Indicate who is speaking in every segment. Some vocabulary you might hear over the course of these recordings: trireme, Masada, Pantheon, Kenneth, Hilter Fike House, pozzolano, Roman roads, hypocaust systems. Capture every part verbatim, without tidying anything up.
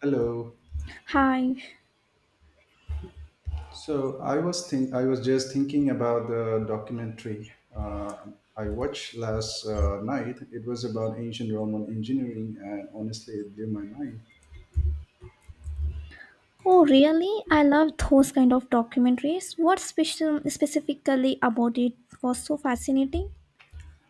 Speaker 1: Hello.
Speaker 2: Hi.
Speaker 1: So I was think I was just thinking about the documentary uh, I watched last uh, night. It was about ancient Roman engineering, and honestly, it blew my mind.
Speaker 2: Oh, really? I love those kind of documentaries. What special specifically about it was so fascinating?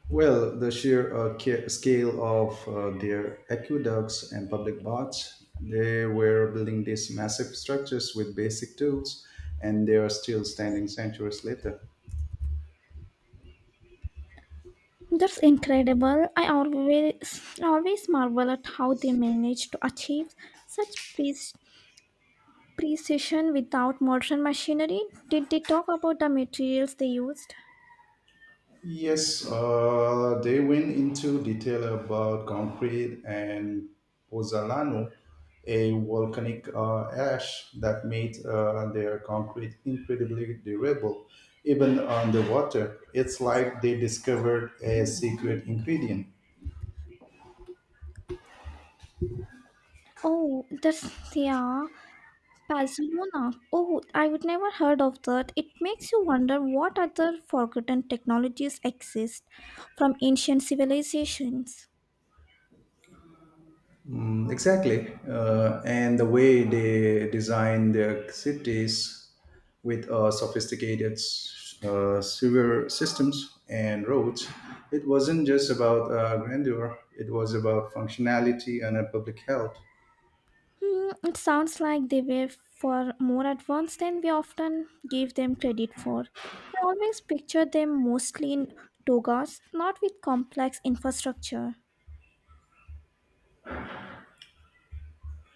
Speaker 1: Well, the sheer uh, ca- scale of uh, their aqueducts and public baths. They were building these massive structures with basic tools, and they are still standing centuries later.
Speaker 2: That's incredible. I always always marvel at how they manage to achieve such pre- precision without modern machinery. Did they talk about the materials they used?
Speaker 1: Yes, uh, they went into detail about concrete and pozzolano, a volcanic uh, ash that made uh, their concrete incredibly durable, even underwater. It's like they discovered a secret ingredient.
Speaker 2: Oh, that's yeah. Barcelona. Oh, I would never heard of that. It makes you wonder what other forgotten technologies exist from ancient civilizations.
Speaker 1: Mm, exactly. Uh, and the way they design their cities with uh, sophisticated uh, sewer systems and roads, it wasn't just about uh, grandeur, it was about functionality and uh, public health.
Speaker 2: Hmm, it sounds like they were far more advanced than we often give them credit for. I always picture them mostly in togas, not with complex infrastructure.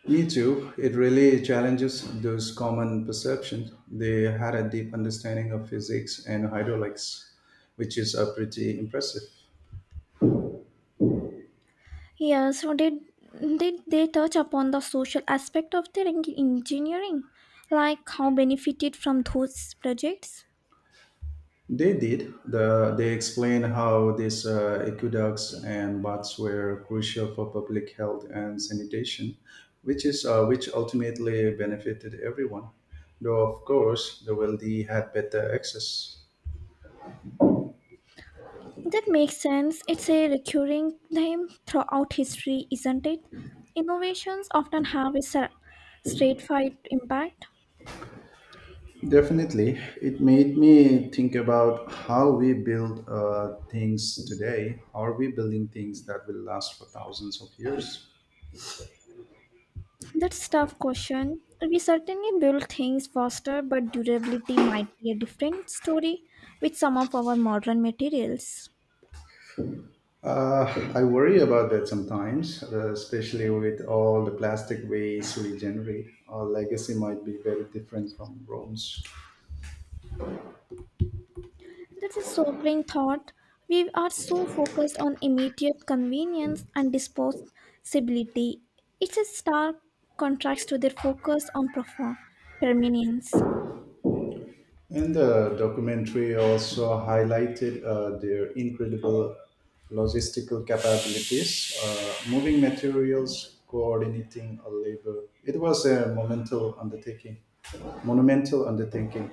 Speaker 1: Me too, it really challenges those common perceptions. They had a deep understanding of physics and hydraulics, which is uh, pretty impressive.
Speaker 2: Yeah, so did did they touch upon the social aspect of their en- engineering, like how benefited from those projects?
Speaker 1: They did. The, they explained how these uh, aqueducts and baths were crucial for public health and sanitation, which is uh, which ultimately benefited everyone. Though of course, the wealthy had better access.
Speaker 2: That makes sense. It's a recurring theme throughout history, isn't it? Innovations often have a cer- stratified impact.
Speaker 1: Definitely, it made me think about how we build uh, things today. Are we building things that will last for thousands of years?
Speaker 2: That's a tough question. We certainly build things faster, but durability might be a different story with some of our modern materials.
Speaker 1: Uh, I worry about that sometimes, uh, especially with all the plastic waste we generate. Our legacy might be very different from Rome's.
Speaker 2: That's a sobering thought. We are so focused on immediate convenience and disposability. It's a stark contrast to their focus on profound permanence.
Speaker 1: And the documentary also highlighted uh, their incredible logistical capabilities, uh, moving materials, coordinating a labor. It was a monumental undertaking. Monumental undertaking.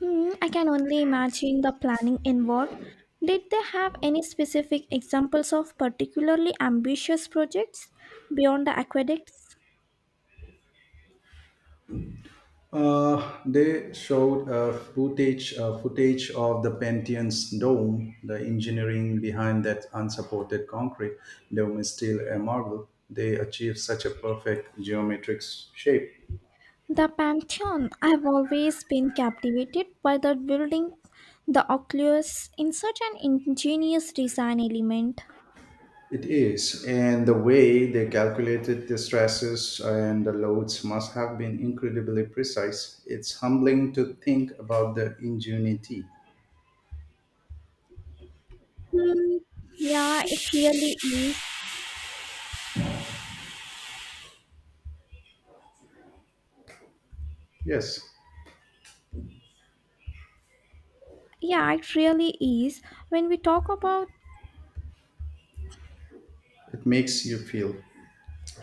Speaker 2: Hmm, I can only imagine the planning involved. Did they have any specific examples of particularly ambitious projects beyond the aqueducts?
Speaker 1: Uh, they showed uh, footage uh, footage of the Pantheon's dome. The engineering behind that unsupported concrete dome is still a marvel. They achieved such a perfect geometric shape.
Speaker 2: The Pantheon. I've always been captivated by the building, the oculus, in such an ingenious design element.
Speaker 1: It is, and the way they calculated the stresses and the loads must have been incredibly precise. It's humbling to think about the ingenuity.
Speaker 2: Hmm, yeah, it really is.
Speaker 1: Yes,
Speaker 2: Yeah, it really is. When we talk about
Speaker 1: it makes you feel. It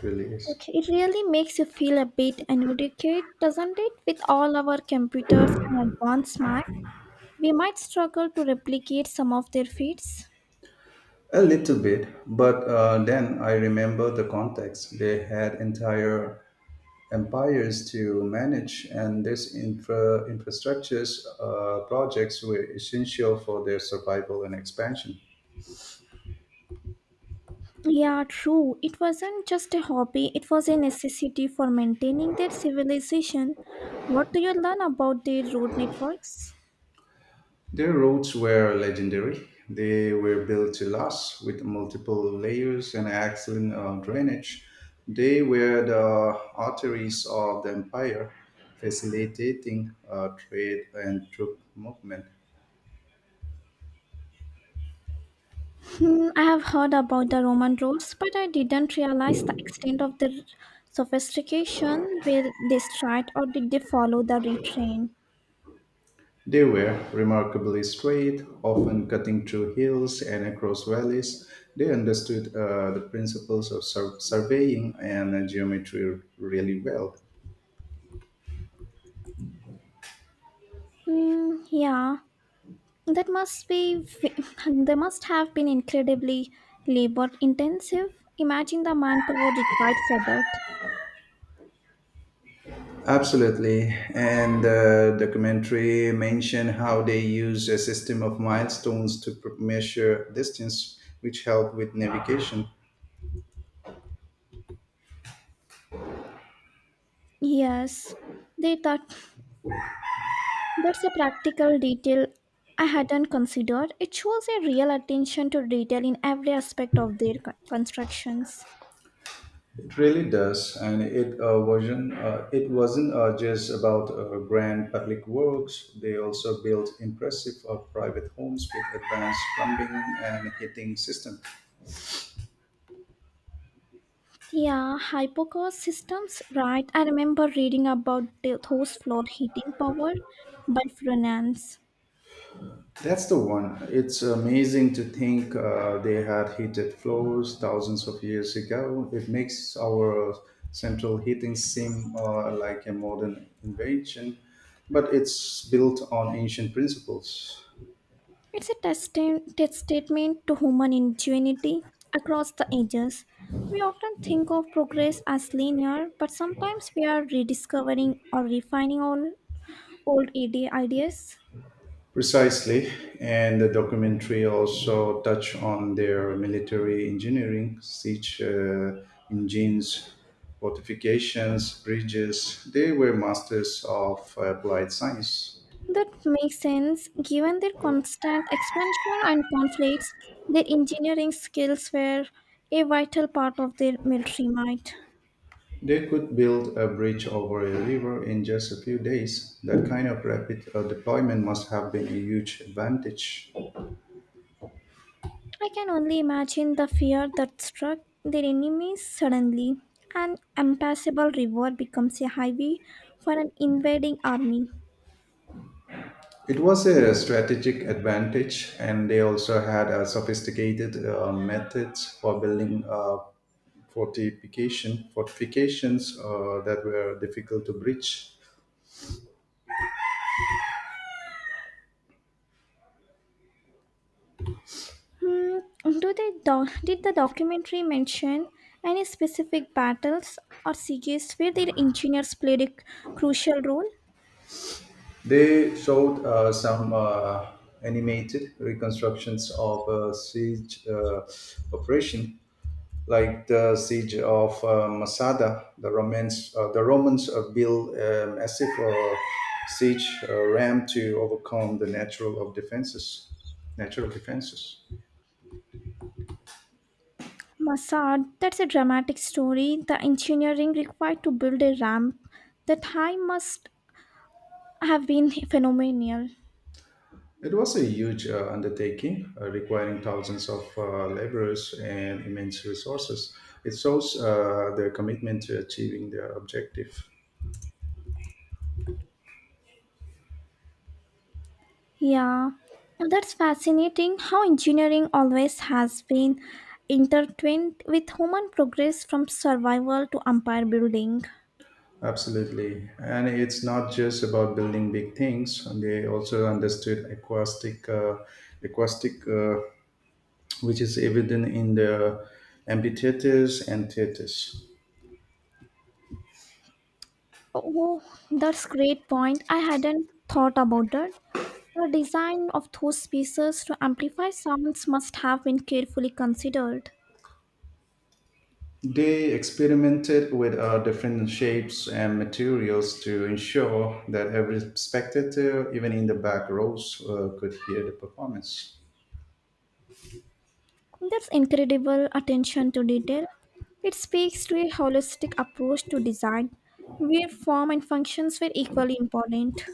Speaker 1: really is.
Speaker 2: okay, it really makes you feel a bit inadequate, doesn't it? With all our computers and advanced math, we might struggle to replicate some of their feats.
Speaker 1: A little bit, but uh, then I remember the context. They had entire empires to manage, and these infra- infrastructures uh, projects were essential for their survival and expansion.
Speaker 2: Yeah, true. It wasn't just a hobby, it was a necessity for maintaining their civilization. What do you learn about their road networks?
Speaker 1: Their roads were legendary. They were built to last with multiple layers and excellent uh, drainage. They were the arteries of the empire, facilitating uh, trade and troop movement.
Speaker 2: Hmm, I have heard about the Roman roads, but I didn't realize the extent of their sophistication. Were they straight or did they follow the retrain?
Speaker 1: They were remarkably straight, often cutting through hills and across valleys. They understood uh, the principles of sur- surveying and uh, geometry really well.
Speaker 2: Hmm, yeah, that must be, they must have been incredibly labor intensive. Imagine the manpower required for that.
Speaker 1: Absolutely. And the documentary mentioned how they used a system of milestones to pr- measure distance, which helped with navigation.
Speaker 2: Yes, they thought that's a practical detail I hadn't considered. It shows a real attention to detail in every aspect of their con- constructions.
Speaker 1: It really does, and it uh, wasn't. Uh, it wasn't uh, just about uh, grand public works. They also built impressive uh, private homes with advanced plumbing and heating system.
Speaker 2: Yeah, hypocaust systems, right? I remember reading about the- those floor heating power by Frenans.
Speaker 1: That's the one. It's amazing to think uh, they had heated floors thousands of years ago. It makes our central heating seem uh, like a modern invention, but it's built on ancient principles.
Speaker 2: It's a testament test statement to human ingenuity across the ages. We often think of progress as linear, but sometimes we are rediscovering or refining all old ide- ideas.
Speaker 1: Precisely, and the documentary also touch on their military engineering, siege uh, engines, fortifications, bridges. They were masters of applied science.
Speaker 2: That makes sense given their constant expansion and conflicts, their engineering skills were a vital part of their military might.
Speaker 1: They could build a bridge over a river in just a few days. That kind of rapid uh, deployment must have been a huge advantage.
Speaker 2: I can only imagine the fear that struck their enemies suddenly. An impassable river becomes a highway for an invading army.
Speaker 1: It was a strategic advantage, and they also had a sophisticated uh, methods for building uh, fortification fortifications uh, that were difficult to breach.
Speaker 2: Hmm, do they doc- did the documentary mention any specific battles or sieges where their engineers played a crucial role?
Speaker 1: They showed uh, some uh, animated reconstructions of a siege uh, operation like the siege of uh, Masada, the Romans, uh, the Romans uh, built a massive uh, siege uh, ramp to overcome the natural of defenses, natural defenses.
Speaker 2: Massad, that's a dramatic story. The engineering required to build a ramp that high must have been phenomenal.
Speaker 1: It was a huge uh, undertaking, uh, requiring thousands of uh, laborers and immense resources. It shows uh, their commitment to achieving their objective.
Speaker 2: Yeah, now that's fascinating how engineering always has been intertwined with human progress from survival to empire building.
Speaker 1: Absolutely. And it's not just about building big things. And they also understood acoustic, uh, acoustic uh, which is evident in the amphitheaters and theaters.
Speaker 2: Oh, that's great point. I hadn't thought about that. The design of those pieces to amplify sounds must have been carefully considered.
Speaker 1: They experimented with uh, different shapes and materials to ensure that every spectator, even in the back rows, uh, could hear the performance.
Speaker 2: That's incredible attention to detail. It speaks to a holistic approach to design, where form and functions were equally important.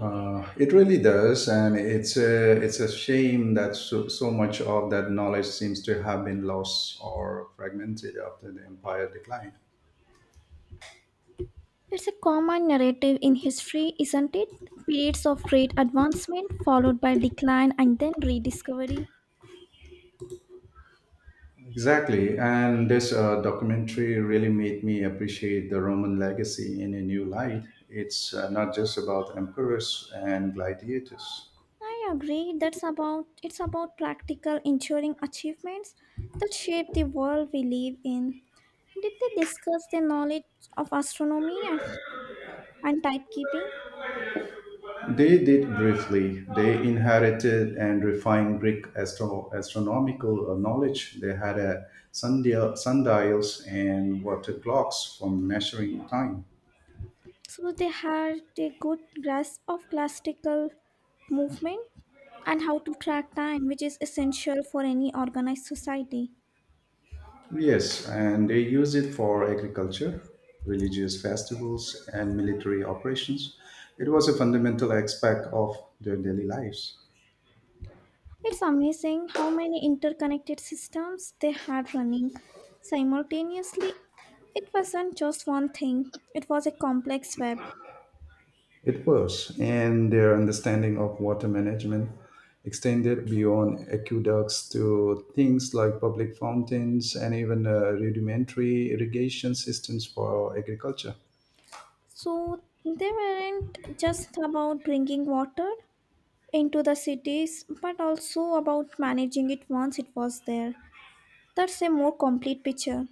Speaker 1: Uh, it really does, and it's a, it's a shame that so, so much of that knowledge seems to have been lost or fragmented after the empire decline.
Speaker 2: It's a common narrative in history, isn't it? Periods of great advancement followed by decline and then rediscovery.
Speaker 1: Exactly. And this uh, documentary really made me appreciate the Roman legacy in a new light. It's uh, not just about emperors and gladiators.
Speaker 2: I agree that's about it's about practical enduring achievements that shape the world we live in. Did they discuss their knowledge of astronomy and, and timekeeping?
Speaker 1: They did briefly. They inherited and refined Greek astro- astronomical uh, knowledge. They had a sundial- sundials and water clocks for measuring time.
Speaker 2: So they had a good grasp of classical movement and how to track time, which is essential for any organized society.
Speaker 1: Yes, and they use it for agriculture, religious festivals, and military operations. It was a fundamental aspect of their daily lives.
Speaker 2: It's amazing how many interconnected systems they had running simultaneously. It wasn't just one thing, it was a complex web.
Speaker 1: It was, and their understanding of water management extended beyond aqueducts to things like public fountains and even uh, rudimentary irrigation systems for agriculture.
Speaker 2: So they weren't just about bringing water into the cities, but also about managing it once it was there. That's a more complete picture.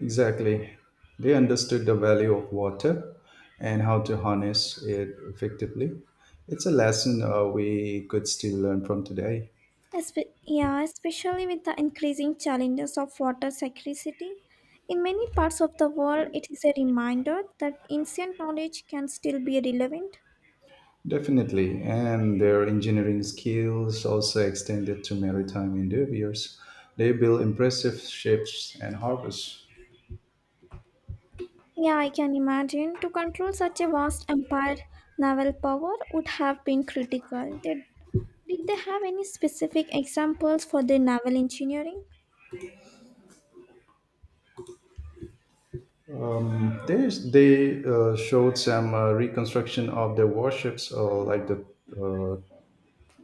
Speaker 1: Exactly. They understood the value of water and how to harness it effectively. It's a lesson uh, we could still learn from today.
Speaker 2: Espe- yeah, especially with the increasing challenges of water scarcity. In many parts of the world, it is a reminder that ancient knowledge can still be relevant.
Speaker 1: Definitely. And their engineering skills also extended to maritime endeavors. They built impressive ships and harbours.
Speaker 2: Yeah, I can imagine. To control such a vast empire, naval power would have been critical. Did, did they have any specific examples for their naval engineering?
Speaker 1: There's, they uh, showed some uh, reconstruction of the warships, or like the uh,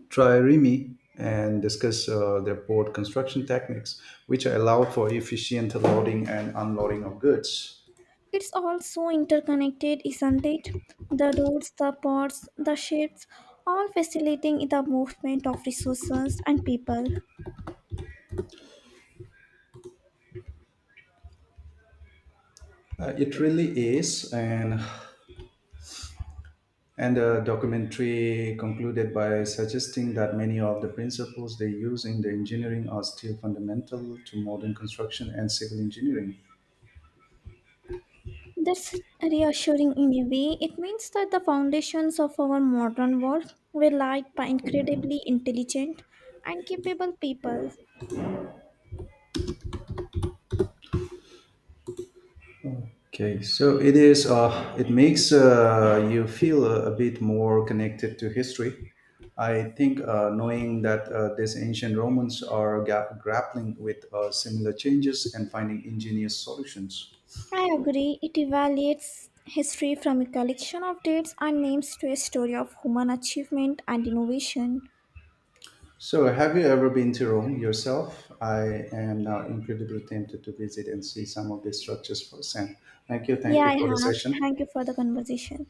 Speaker 1: trireme and discuss uh, their port construction techniques, which allow for efficient loading and unloading of goods.
Speaker 2: It's all so interconnected, isn't it? The roads, the ports, the ships, all facilitating the movement of resources and people.
Speaker 1: Uh, it really is, and and the documentary concluded by suggesting that many of the principles they use in the engineering are still fundamental to modern construction and civil engineering.
Speaker 2: That's reassuring in a way. It means that the foundations of our modern world were laid by incredibly intelligent and capable people.
Speaker 1: Okay, so it is. Uh, it makes uh, you feel a, a bit more connected to history. I think uh, knowing that uh, these ancient Romans are ga- grappling with uh, similar changes and finding ingenious solutions.
Speaker 2: I agree, it evaluates history from a collection of dates and names to a story of human achievement and innovation.
Speaker 1: So, have you ever been to Rome yourself? I am now incredibly tempted to visit and see some of these structures firsthand. Thank you.
Speaker 2: Yeah,
Speaker 1: Thank you
Speaker 2: I
Speaker 1: for the
Speaker 2: have.
Speaker 1: session.
Speaker 2: Thank you for the conversation.